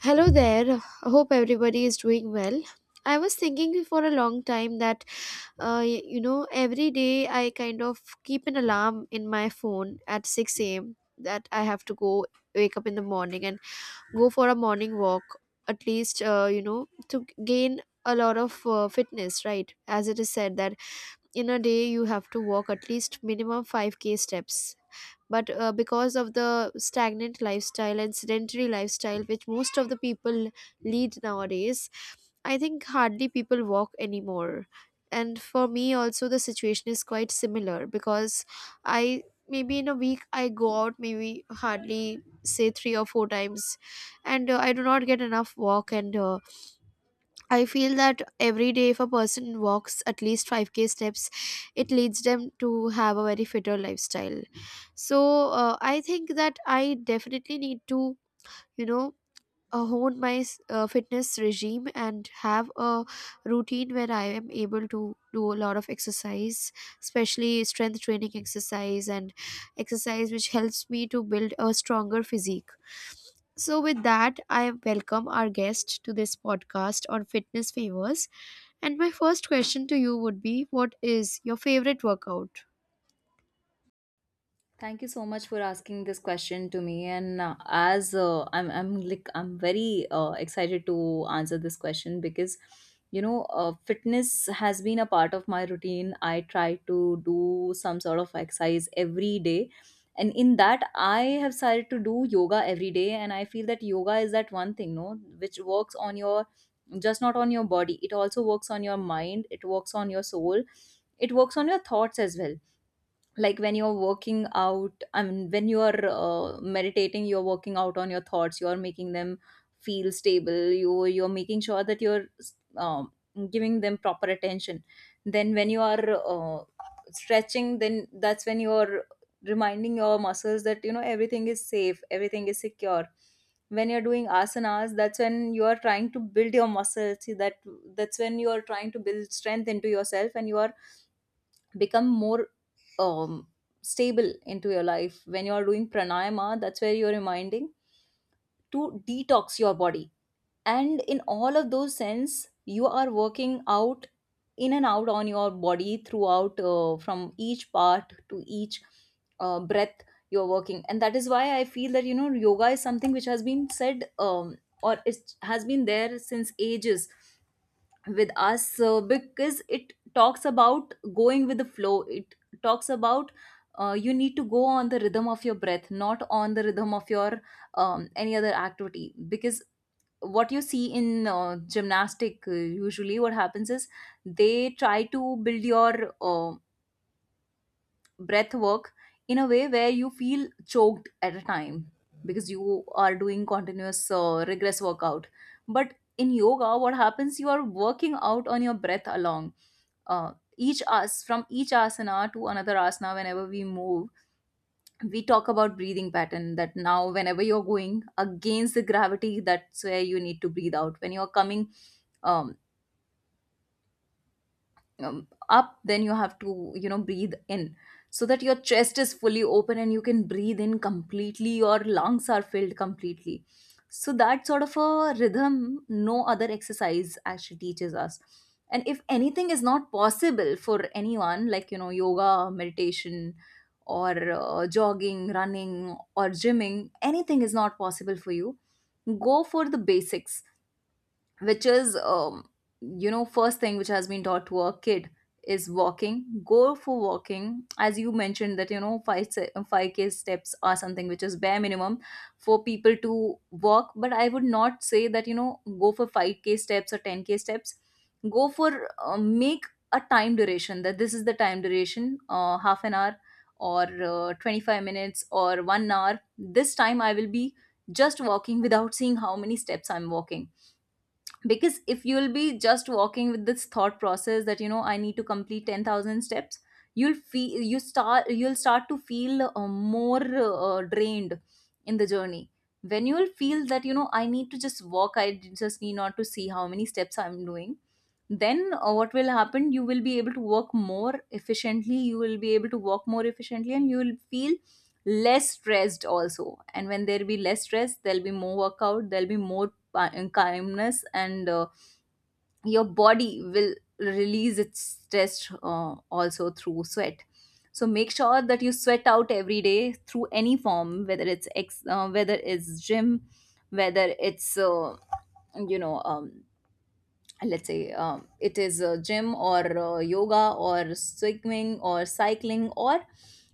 Hello there. I hope everybody is doing well. I was thinking for a long time that, uh, y- you know, every day I kind of keep an alarm in my phone at 6 a.m. that I have to go wake up in the morning and go for a morning walk, at least, to gain a lot of fitness, right? As it is said that in a day you have to walk at least minimum 5k steps, but because of the stagnant lifestyle and sedentary lifestyle which most of the people lead nowadays, I think hardly people walk anymore. And for me also the situation is quite similar, because I maybe in a week I go out maybe hardly say three or four times, and I do not get enough walk, and I feel that every day, if a person walks at least 5k steps, it leads them to have a very fitter lifestyle. So, I think that I definitely need to, you know, hone my fitness regime and have a routine where I am able to do a lot of exercise, especially strength training exercise and exercise which helps me to build a stronger physique. So, with that, I welcome our guest to this podcast on fitness favors. And my first question to you would be, what is your favorite workout? Thank you so much for asking this question to me. And as I'm like, I'm very Excited to answer this question because, fitness has been a part of my routine. I try to do some sort of exercise every day, and in that, I have started to do yoga every day. And I feel that yoga is that one thing, no, which works on your just not on your body. It also works on your mind. It works on your soul. It works on your thoughts as well, like when you're working out, I mean when you're meditating, you're working out on your thoughts, you're making them feel stable, you're making sure that you're um, giving them proper attention. Then when you are stretching, then that's when you're reminding your muscles that you know everything is safe, everything is secure. When you're doing asanas, that's when you are trying to build your muscles. See, that that's when you are trying to build strength into yourself and you are become more, um, stable into your life. When you are doing pranayama, that's where you're reminding to detox your body, and in all of those sense you are working out in and out on your body throughout, from each part to each breath you're working. And that is why I feel that you know yoga is something which has been said, or it has been there since ages with us, because it talks about going with the flow. It talks about, you need to go on the rhythm of your breath, not on the rhythm of your, any other activity. Because what you see in gymnastic, usually what happens is they try to build your breath work in a way where you feel choked at a time, because you are doing continuous regress workout. But in yoga what happens, you are working out on your breath along, each as from each asana to another asana. Whenever we move, we talk about breathing pattern, that now whenever you're going against the gravity, that's where you need to breathe out. When you're coming um, up, then you have to, you know, breathe in, so that your chest is fully open and you can breathe in completely, your lungs are filled completely. So that sort of a rhythm no other exercise actually teaches us. And if anything is not possible for anyone, like you know yoga, meditation, or jogging, running, or gymming, anything is not possible for you, go for the basics, which is, you know, first thing which has been taught to a kid is walking. Go for walking, as you mentioned that you know 5k steps are something which is bare minimum for people to walk. But I would not say that you know go for 5k steps or 10k steps. Go for, make a time duration, that this is the time duration, half an hour or 25 minutes or 1 hour, this time I will be just walking without seeing how many steps I'm walking. Because if you'll be just walking with this thought process that you know I need to complete 10,000 steps, you'll feel, you start, you'll start to feel more drained in the journey. When you'll feel that you know I need to just walk, I just need not to see how many steps I'm doing, then what will happen, you will be able to work more efficiently, you will be able to walk more efficiently, and you will feel less stressed also. And when there'll be less stress, there'll be more workout, there'll be more calmness, and your body will release its stress, also through sweat. So make sure that you sweat out every day through any form, whether it's whether it's gym, whether it's, you know, let's say, it is a gym or yoga or swimming or cycling or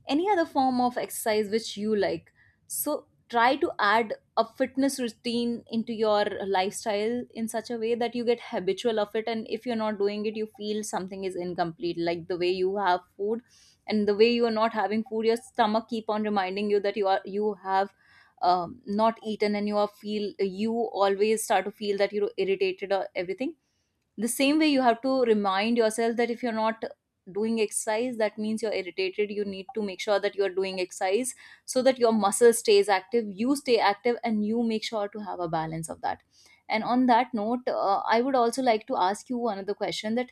any other form of exercise which you like. So try to add a fitness routine into your lifestyle in such a way that you get habitual of it, and if you're not doing it you feel something is incomplete, like the way you have food, and the way you are not having food your stomach keep on reminding you that you are, you have, not eaten, and you are feel, you always start to feel that you're irritated or everything. The same way you have to remind yourself that if you're not doing exercise, that means you're irritated, you need to make sure that you're doing exercise, so that your muscle stays active, you stay active, and you make sure to have a balance of that. And on that note, I would also like to ask you another question, that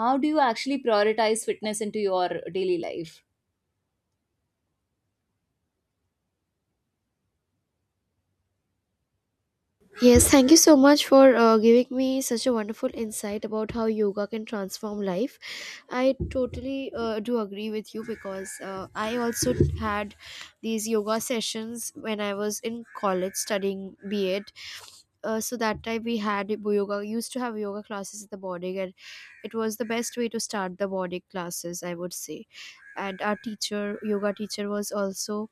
how do you actually prioritize fitness into your daily life? Yes, thank you so much for giving me such a wonderful insight about how yoga can transform life. I totally do agree with you, because I also had these yoga sessions when I was in college studying B.Ed. So that time we had yoga, used to have yoga classes in the morning, and it was the best way to start the morning classes, I would say. And our teacher, yoga teacher, was also,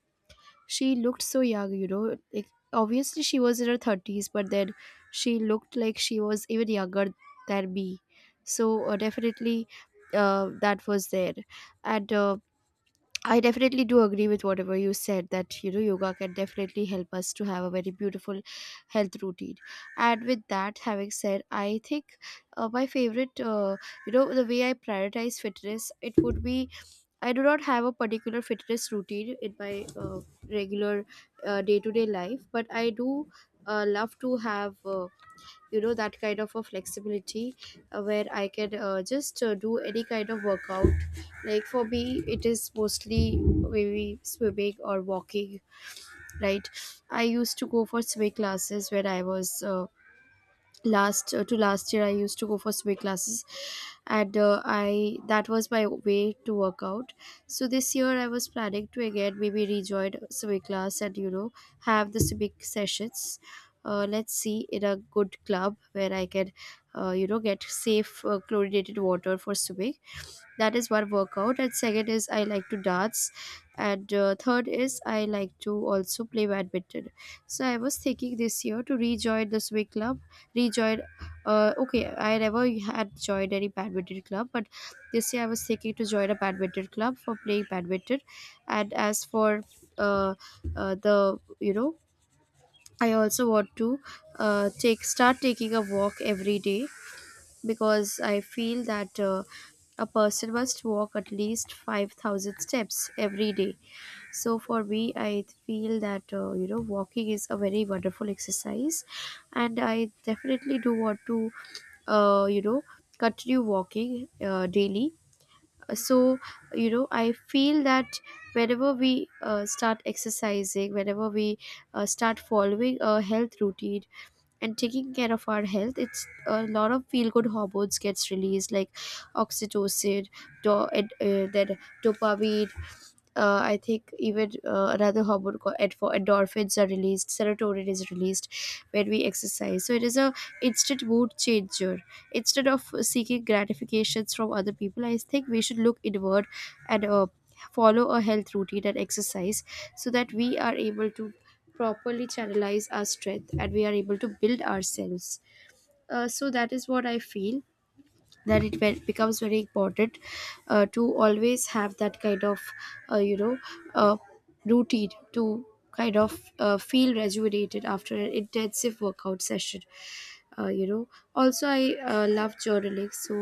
she looked so young, you know, like obviously she was in her 30s, but then she looked like she was even younger than me. So definitely that was there. And I definitely do agree with whatever you said, that you know yoga can definitely help us to have a very beautiful health routine. And with that having said, I think my favorite you know, the way I prioritize fitness, it would be, I do not have a particular fitness routine in my regular day to day life, but I do love to have, you know, that kind of a flexibility where I can, just do any kind of workout. Like for me, it is mostly maybe swimming or walking. Right, I used to go for swimming classes when I was, last to last year I used to go for swing classes, and I that was my way to work out. So this year I was planning to again maybe rejoin swing class and you know have the swimming sessions, let's see in a good club where I can, you know, get safe chlorinated water for swimming. That is one workout, and second is I like to dance, and third is I like to also play badminton. So I was thinking this year to rejoin the swing club, rejoin, okay, I never had joined any badminton club, but this year I was thinking to join a badminton club for playing badminton. And as for uh, the you know I also want to take start taking a walk every day, because I feel that a person must walk at least 5,000 steps every day. So for me, I feel that, you know, walking is a very wonderful exercise, and I definitely do want to, uh, you know continue walking daily. So you know I feel that whenever we start exercising, whenever we start following a health routine and taking care of our health, it's a lot of feel good hormones gets released, like oxytocin, and, then dopamine, I think even another hormone called endorphins are released, serotonin is released when we exercise. So it is a instant mood changer. Instead of seeking gratifications from other people, I think we should look inward and follow a health routine and exercise, so that we are able to properly channelize our strength and we are able to build ourselves. So that is what I feel, that it becomes very important to always have that kind of uh, you know uh, routine to kind of feel rejuvenated after an intensive workout session. You know also I love journaling, so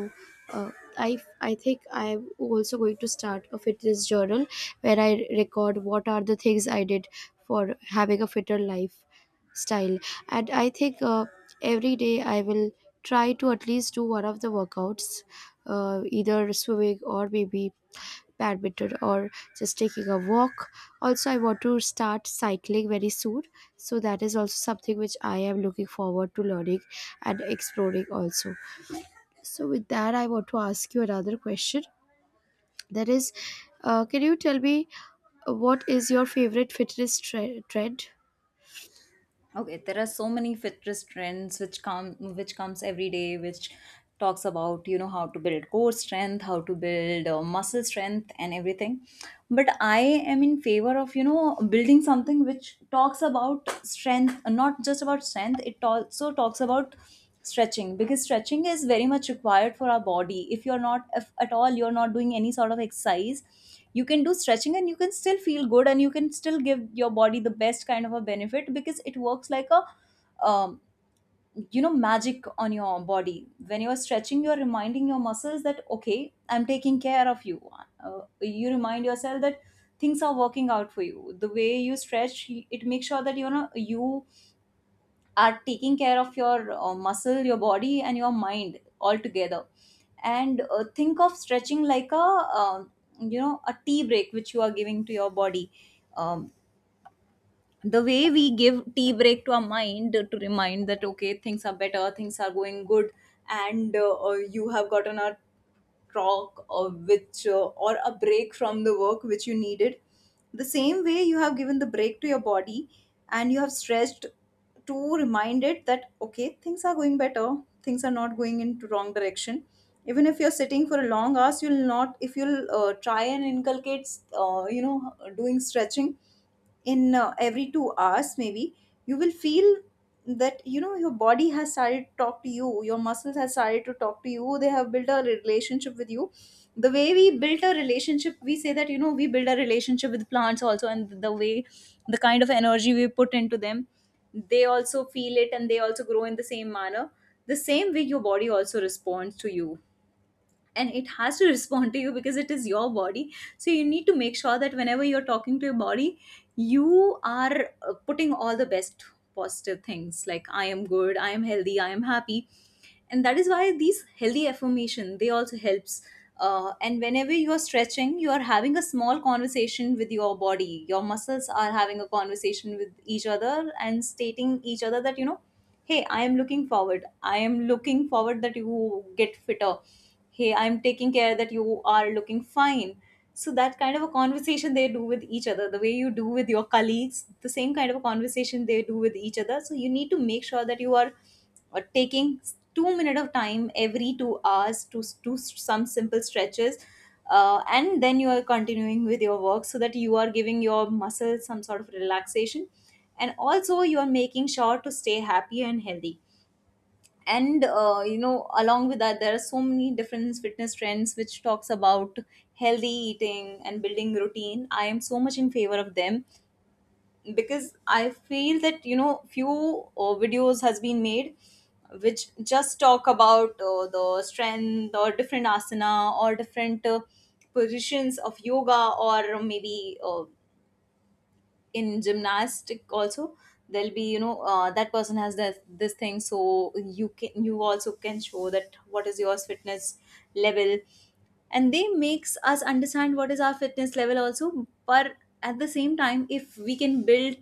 uh, I think I'm also going to start a fitness journal where I record what are the things I did for having a fitter lifestyle. And I think, every day I will try to at least do one of the workouts, either swimming or maybe badminton or just taking a walk. Also, I want to start cycling very soon. So, that is also something which I am looking forward to learning and exploring also. So, with that, I want to ask you another question. That is, can you tell me what is your favorite fitness trend? Okay, there are so many fitness trends which come, which comes every day, which talks about you know how to build core strength, how to build muscle strength and everything. But I am in favor of you know building something which talks about strength, not just about strength, it also talks about stretching. Because stretching is very much required for our body. If you're not, if at all you're not doing any sort of exercise, you can do stretching and you can still feel good and you can still give your body the best kind of a benefit, because it works like a, um, you know, magic on your body. When you're stretching, you're reminding your muscles that okay I'm taking care of you. Uh, you remind yourself that things are working out for you. The way you stretch, it makes sure that you know you are taking care of your muscle, your body, and your mind altogether. And think of stretching like a um, you know, a tea break which you are giving to your body. um, the way we give tea break to our mind to remind that okay things are better, things are going good, and you have gotten a talk or which or a break from the work which you needed, the same way you have given the break to your body, and you have stretched to remind it that okay things are going better, things are not going into wrong direction. Even if you're sitting for a long hours, you'll not, if you'll try and inculcate, you know doing stretching in every 2 hours maybe, you will feel that you know your body has started to talk to you, your muscles have started to talk to you, they have built a relationship with you. The way we built a relationship, we say that you know we build a relationship with plants also, and the way the kind of energy we put into them, they also feel it and they also grow in the same manner. The same way your body also responds to you, and it has to respond to you because it is your body. So you need to make sure that whenever you're talking to your body, you are putting all the best positive things, like I am good, I am healthy, I am happy. And that is why these healthy affirmation they also helps. Uh, and whenever you are stretching, you are having a small conversation with your body, your muscles are having a conversation with each other and stating each other that you know, hey I am looking forward, I am looking forward that you get fitter, hey I am taking care that you are looking fine. So that kind of a conversation they do with each other, the way you do with your colleagues, the same kind of a conversation they do with each other. So you need to make sure that you are taking 2 minute of time every 2 hours to do some simple stretches, and then you are continuing with your work, so that you are giving your muscles some sort of relaxation, and also you are making sure to stay happy and healthy. And you know along with that there are so many different fitness trends which talks about healthy eating and building routine. I am so much in favor of them, because I feel that you know few videos has been made which just talk about the strength or different asana or different positions of yoga, or maybe in gymnastic also there'll be you know that person has this this thing, so you can, you also can show that what is yours fitness level. And they makes us understand what is our fitness level also. But at the same time, if we can build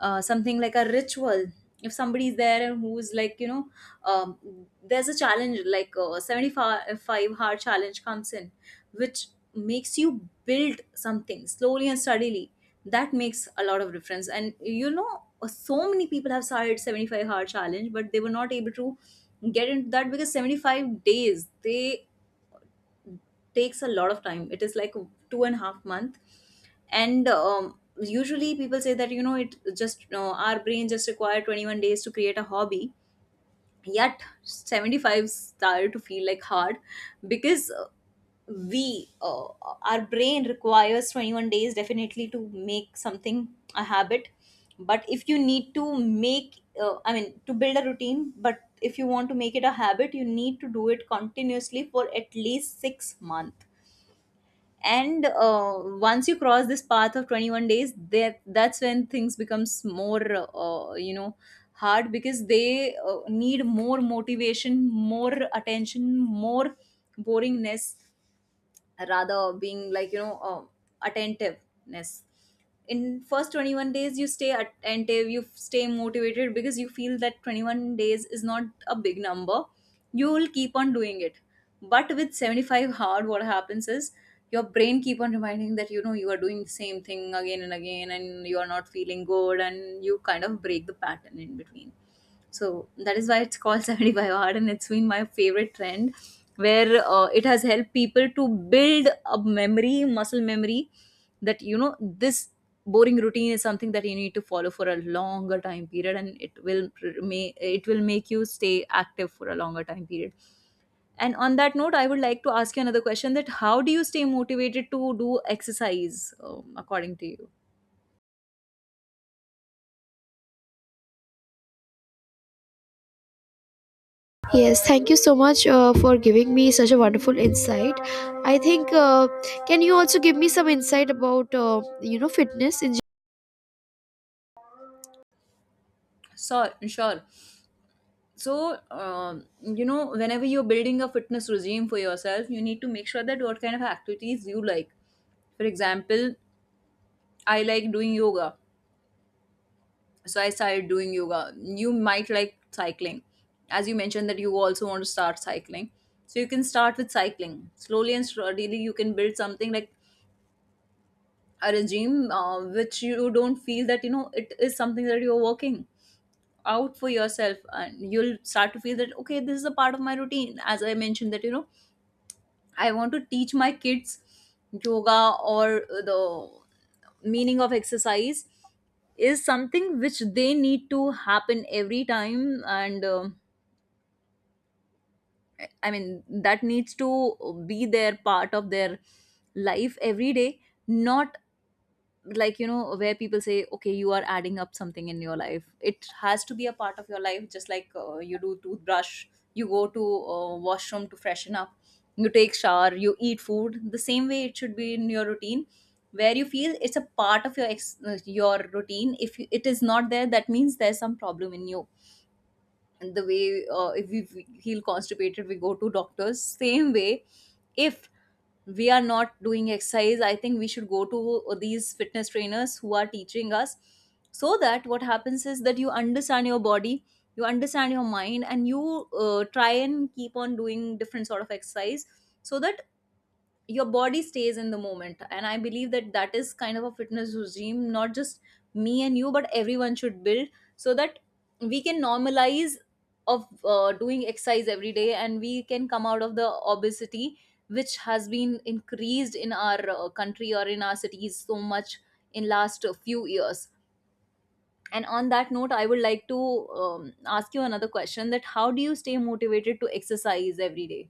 something like a ritual, If somebody is there and who's like, um, there's a challenge like 75 hard challenge comes in, which makes you build something slowly and steadily. That makes a lot of difference. And so many people have started 75-hour challenge, but they were not able to get into that because 75 days, they takes a lot of time. It is like 2.5 months. And usually people say that it just our brain just require 21 days to create a hobby. Yet 75 started to feel like hard because we our brain requires 21 days definitely to make something a habit. But if you need to make I mean to build a routine, but if you want to make it a habit, you need to do it continuously for at least 6 months. And once you cross this path of 21 days, there that's when things becomes more hard, because they need more motivation, more attention, more boringness, rather being like, attentiveness. In first 21 days you stay attentive, you stay motivated, because you feel that 21 days is not a big number, you will keep on doing it. But with 75 hard what happens is, your brain keep on reminding that you are doing the same thing again and again and you are not feeling good, and you kind of break the pattern in between. So that is why it's called 75 hard, and it's been my favorite trend, where it has helped people to build a memory, muscle memory, that this boring routine is something that you need to follow for a longer time period, and it will may it will make you stay active for a longer time period. And on that note, I would like to ask you another question, that how do you stay motivated to do exercise, according to you? Yes, thank you so much for giving me such a wonderful insight. I think, can you also give me some insight about, you know, fitness in gen-? So sure. So whenever you're building a fitness regime for yourself, you need to make sure that what kind of activities you like. For example, I like doing yoga, so I started doing yoga. You might like cycling, as you mentioned that you also want to start cycling. So you can start with cycling slowly and steadily, you can build something like a regime which you don't feel that it is something that you're working out for yourself, and you'll start to feel that okay, this is a part of my routine. As I mentioned that I want to teach my kids yoga, or the meaning of exercise is something which they need to happen every time. And I mean that needs to be their part of their life every day. Not like where people say okay, you are adding up something in your life, it has to be a part of your life, just like you do toothbrush, you go to washroom to freshen up, you take shower, you eat food. The same way it should be in your routine, where you feel it's a part of your your routine. If it is not there, that means there's some problem in you. And the way if we feel constipated, we go to doctors, same way, if we are not doing exercise, I think we should go to these fitness trainers who are teaching us. So that what happens is that you understand your body, you understand your mind, and you try and keep on doing different sort of exercise, so that your body stays in the moment. And I believe that that is kind of a fitness regime, not just me and you, but everyone should build. So that we can normalize of doing exercise every day, and we can come out of the obesity, which has been increased in our country or in our cities so much, in last few years. And on that note, I would like to ask you another question, that how do you stay motivated to exercise every day?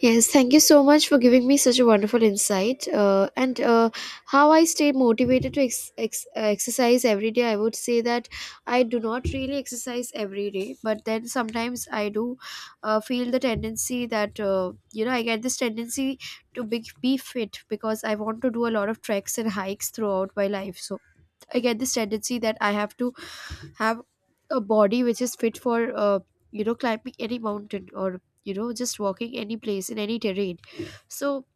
Yes, thank you so much for giving me such a wonderful insight, and how I stay motivated to exercise every day. I would say that I do not really exercise every day, but then sometimes I do feel the tendency that, you know, I get this tendency to be fit, because I want to do a lot of treks and hikes throughout my life. So I get this tendency that I have to have a body which is fit for, you know, climbing any mountain or you know just walking any place in any terrain. So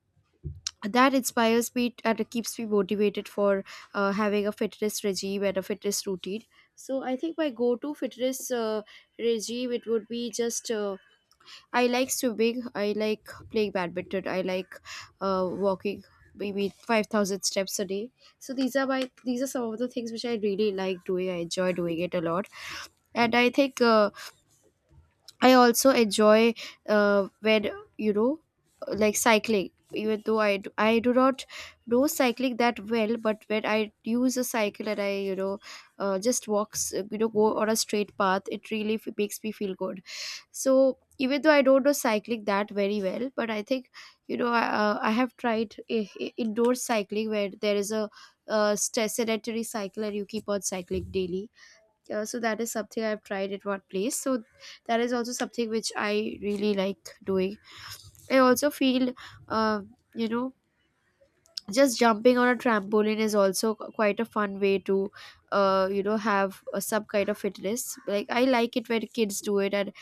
that inspires me, and it keeps me motivated for having a fitness regime and a fitness routine. So I think my go-to fitness regime, it would be just, I like swimming. I like playing badminton. I like walking maybe 5,000 steps a day. So these are my, these are some of the things which I really like doing. I enjoy doing it a lot, and I think, I also enjoy, when you know, like cycling, even though I do not know cycling that well, but when I use a cycle and I, you know, just walks, you know, go on a straight path, it really makes me feel good. So even though I don't know cycling that very well, but I think, you know, I have tried indoor cycling, where there is a sedentary cycle and you keep on cycling daily. So that is something I've tried at one place. So that is also something which I really like doing. I also feel, uh, you know, just jumping on a trampoline is also quite a fun way to, have some kind of fitness. Like I like it when kids do it, and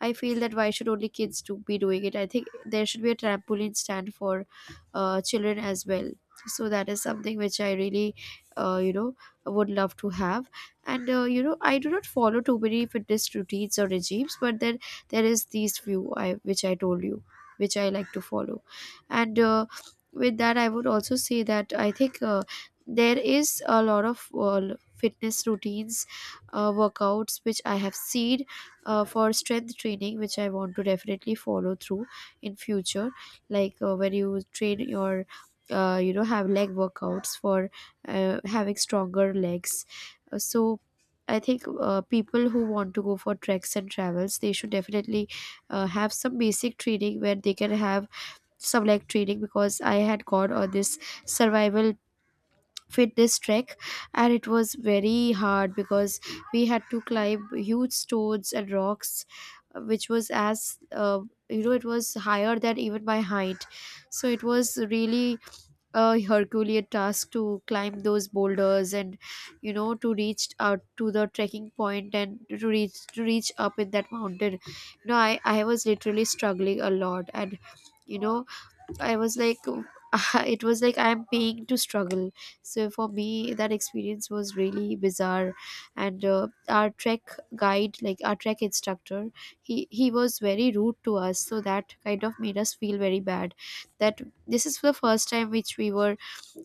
I feel that why should only kids do be doing it? I think there should be a trampoline stand for children as well. So that is something which I really, uh, you know, would love to have. And I do not follow too many fitness routines or regimes, but then there is these few I which I told you, which I like to follow. And with that, I would also say that I think there is a lot of fitness routines, workouts which I have seen for strength training, which I want to definitely follow through in future, like when you train your have leg workouts for having stronger legs. So I think people who want to go for treks and travels, they should definitely have some basic training where they can have some leg training, because I had gone on this survival fit this trek, and it was very hard, because we had to climb huge stones and rocks, which was as, you know, it was higher than even my height. So it was really a herculean task to climb those boulders and you know to reach out to the trekking point and to reach up in that mountain. You know, I was literally struggling a lot and you know I was like, it was like I'm paying to struggle. So for me, that experience was really bizarre. And Our trek guide, like our trek instructor, he was very rude to us. So that kind of made us feel very bad. That this is the first time which we were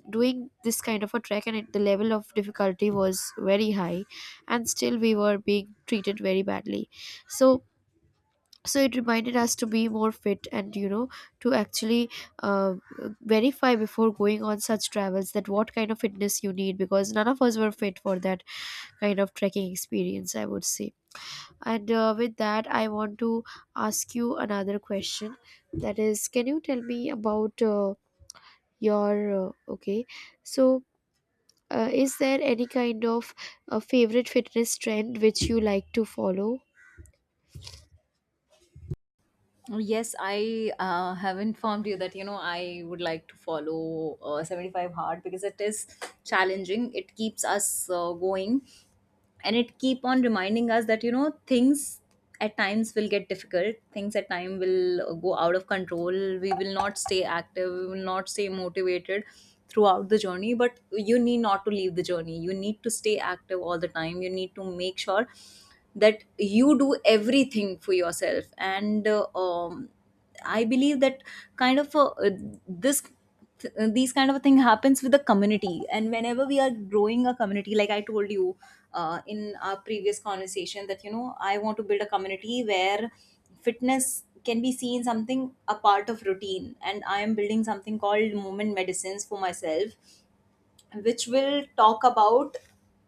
doing this kind of a trek, and the level of difficulty was very high, and still we were being treated very badly. So so it reminded us to be more fit and to actually uh, verify before going on such travels that what kind of fitness you need, because none of us were fit for that kind of trekking experience, I would say. And With that, I want to ask you another question. That is, can you tell me about your okay. So is there any kind of favorite fitness trend which you like to follow? Oh, yes, I have informed you that I would like to follow 75 hard, because it is challenging. It keeps us going, and it keep on reminding us that things at times will get difficult, things at time will go out of control. We will not stay active, we will not stay motivated throughout the journey, but you need not to leave the journey, you need to stay active all the time. You need to make sure that you do everything for yourself. And I believe that kind of this these kind of a thing happens with the community. And whenever we are growing a community, like I told you in our previous conversation, that I want to build a community where fitness can be seen something a part of routine. And I am building something called movement medicines for myself, which will talk about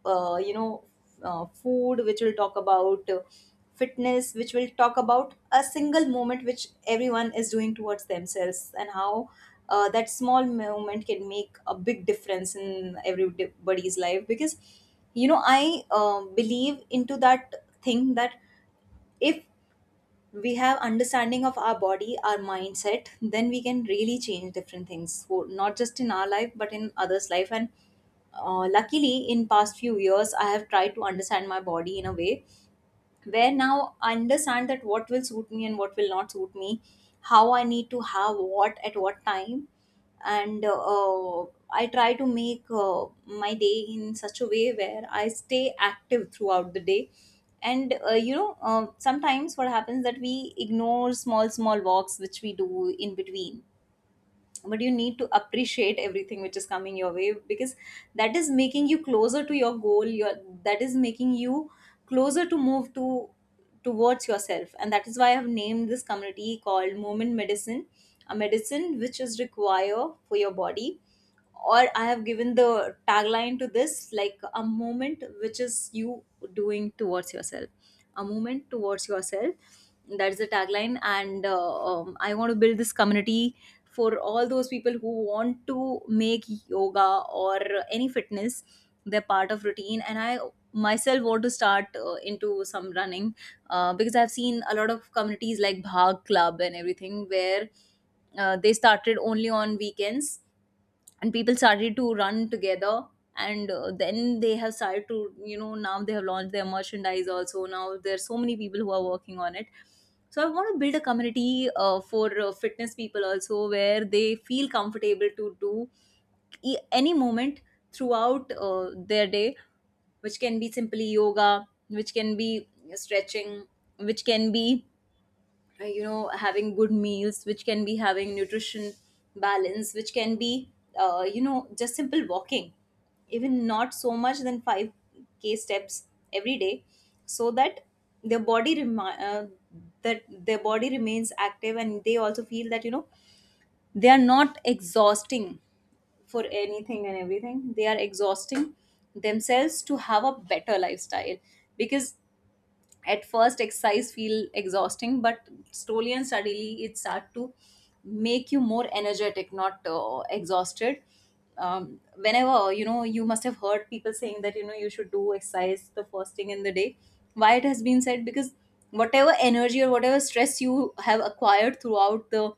uh, you know food, which will talk about fitness, which will talk about a single moment which everyone is doing towards themselves, and how that small moment can make a big difference in everybody's life. Because I believe into that thing, that if we have understanding of our body, our mindset, then we can really change different things, not just in our life but in others life. And luckily in past few years I have tried to understand my body in a way where now I understand that what will suit me and what will not suit me, how I need to have what at what time. And I try to make my day in such a way where I stay active throughout the day. And sometimes what happens that we ignore small, small walks which we do in between, but you need to appreciate everything which is coming your way, because that is making you closer to your goal, your that is making you closer to move to towards yourself. And that is why I have named this community called movement medicine. A medicine which is required for your body. Or I have given the tagline to this, like, a moment which is you doing towards yourself. A moment towards yourself. That's the tagline. And I want to build this community for all those people who want to make yoga or any fitness their part of routine. And I myself want to start into some running, because I've seen a lot of communities like bhag club and everything, where they started only on weekends, and people started to run together. And then they have started to now they have launched their merchandise also. Now there are so many people who are working on it. So I want to build a community for fitness people also, where they feel comfortable to do any moment throughout their day, which can be simply yoga, which can be stretching, which can be having good meals, which can be having nutrition balance, which can be just simple walking, even not so much than 5K steps every day. So that their body that their body remains active, and they also feel that they are not exhausting for anything and everything, they are exhausting themselves to have a better lifestyle. Because at first exercise feel exhausting, but slowly and steadily it start to make you more energetic, not exhausted. Whenever you must have heard people saying that you should do exercise the first thing in the day. Why it has been said? Because whatever energy or whatever stress you have acquired throughout the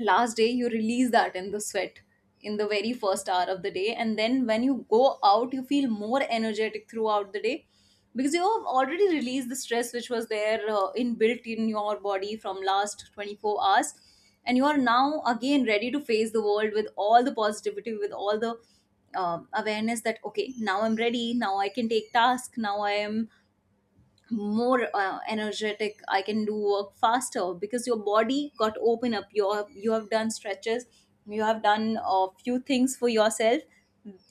last day, you release that in the sweat, in the very first hour of the day. And then when you go out, you feel more energetic throughout the day, because you have already released the stress which was there inbuilt in your body from last 24 hours. And you are now again ready to face the world, with all the positivity, with all the awareness, that okay, now I'm ready, now I can take task, now I am more energetic, I can do work faster, because your body got open up, you have done stretches, you have done a few things for yourself,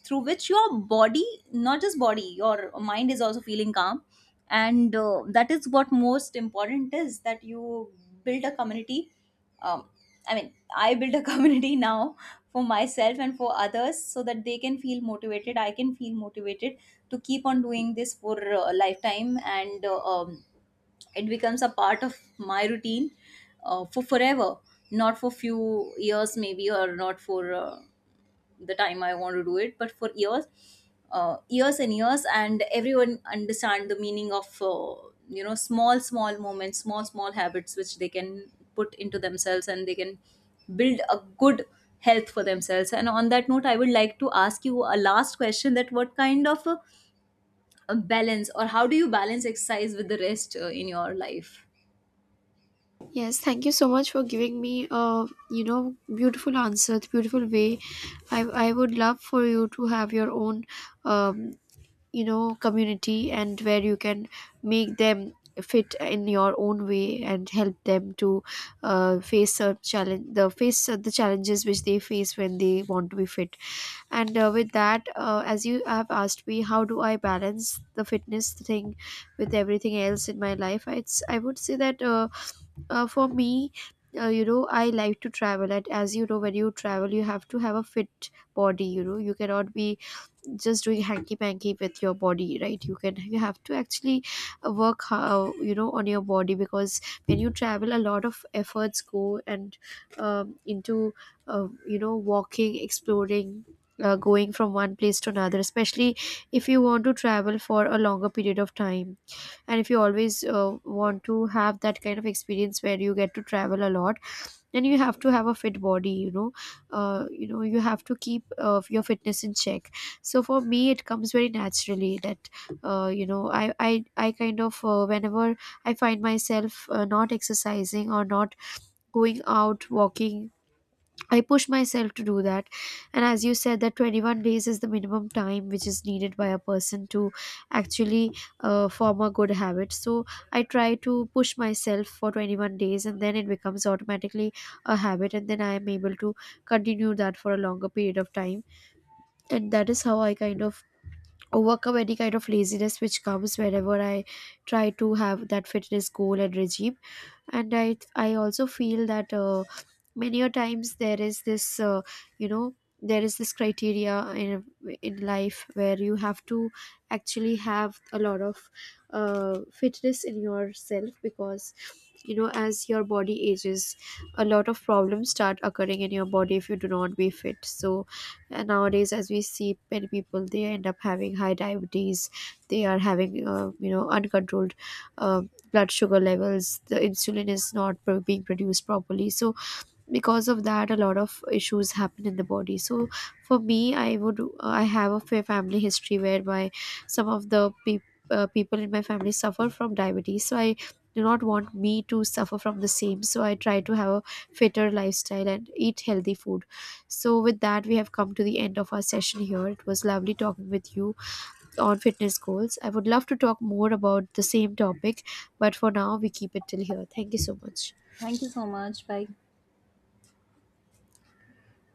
through which your body, not just body, your mind is also feeling calm. And that is what most important is, that you build a community. um, I mean I build a community now for myself and for others, so that they can feel motivated, I can feel motivated to keep on doing this for a lifetime. And it becomes a part of my routine for forever. Not for few years maybe, or not for the time I want to do it, but for years, years and years. And everyone understand the meaning of small small moments, small small habits, which they can put into themselves, and they can build a good health for themselves. And on that note, I would like to ask you a last question, that what kind of balance, or how do you balance exercise with the rest in your life? Yes, thank you so much for giving me a, you know, beautiful answer, the beautiful way. I would love for you to have your own, um, you know, community, and where you can make them fit in your own way and help them to face a challenge, the face the challenges which they face when they want to be fit. And With that, as you have asked me how do I balance the fitness thing with everything else in my life, it's, I would say that, for me, you know, I like to travel, and as you know, when you travel, you have to have a fit body. You know, you cannot be just doing hanky panky with your body, right? You can you have to actually work, how, you know, on your body, because when you travel, a lot of efforts go and, into you know, walking, exploring, going from one place to another, especially if you want to travel for a longer period of time. And if you always want to have that kind of experience where you get to travel a lot, then you have to have a fit body. You know, you know, you have to keep your fitness in check. So for me, it comes very naturally that you know, I kind of whenever I find myself not exercising or not going out walking, I push myself to do that. And as you said, that 21 days is the minimum time which is needed by a person to actually form a good habit. So I try to push myself for 21 days, and then it becomes automatically a habit. And then I am able to continue that for a longer period of time. And that is how I kind of overcome any kind of laziness which comes whenever I try to have that fitness goal and regime. And I also feel that. Many a times, there is this, you know, there is this criteria in in life where you have to actually have a lot of fitness in yourself, because, you know, as your body ages, a lot of problems start occurring in your body if you do not be fit. So nowadays, as we see, many people, they end up having high diabetes. They are having, you know, uncontrolled uh, blood sugar levels. The insulin is not being produced properly. So because of that, a lot of issues happen in the body. So for me, I have a family history whereby some of the peop people in my family suffer from diabetes. So I do not want me to suffer from the same. So I try to have a fitter lifestyle and eat healthy food. So with that, we have come to the end of our session here. It was lovely talking with you on fitness goals. I would love to talk more about the same topic, but for now we keep it till here. Thank you so much. Thank you so much. Bye.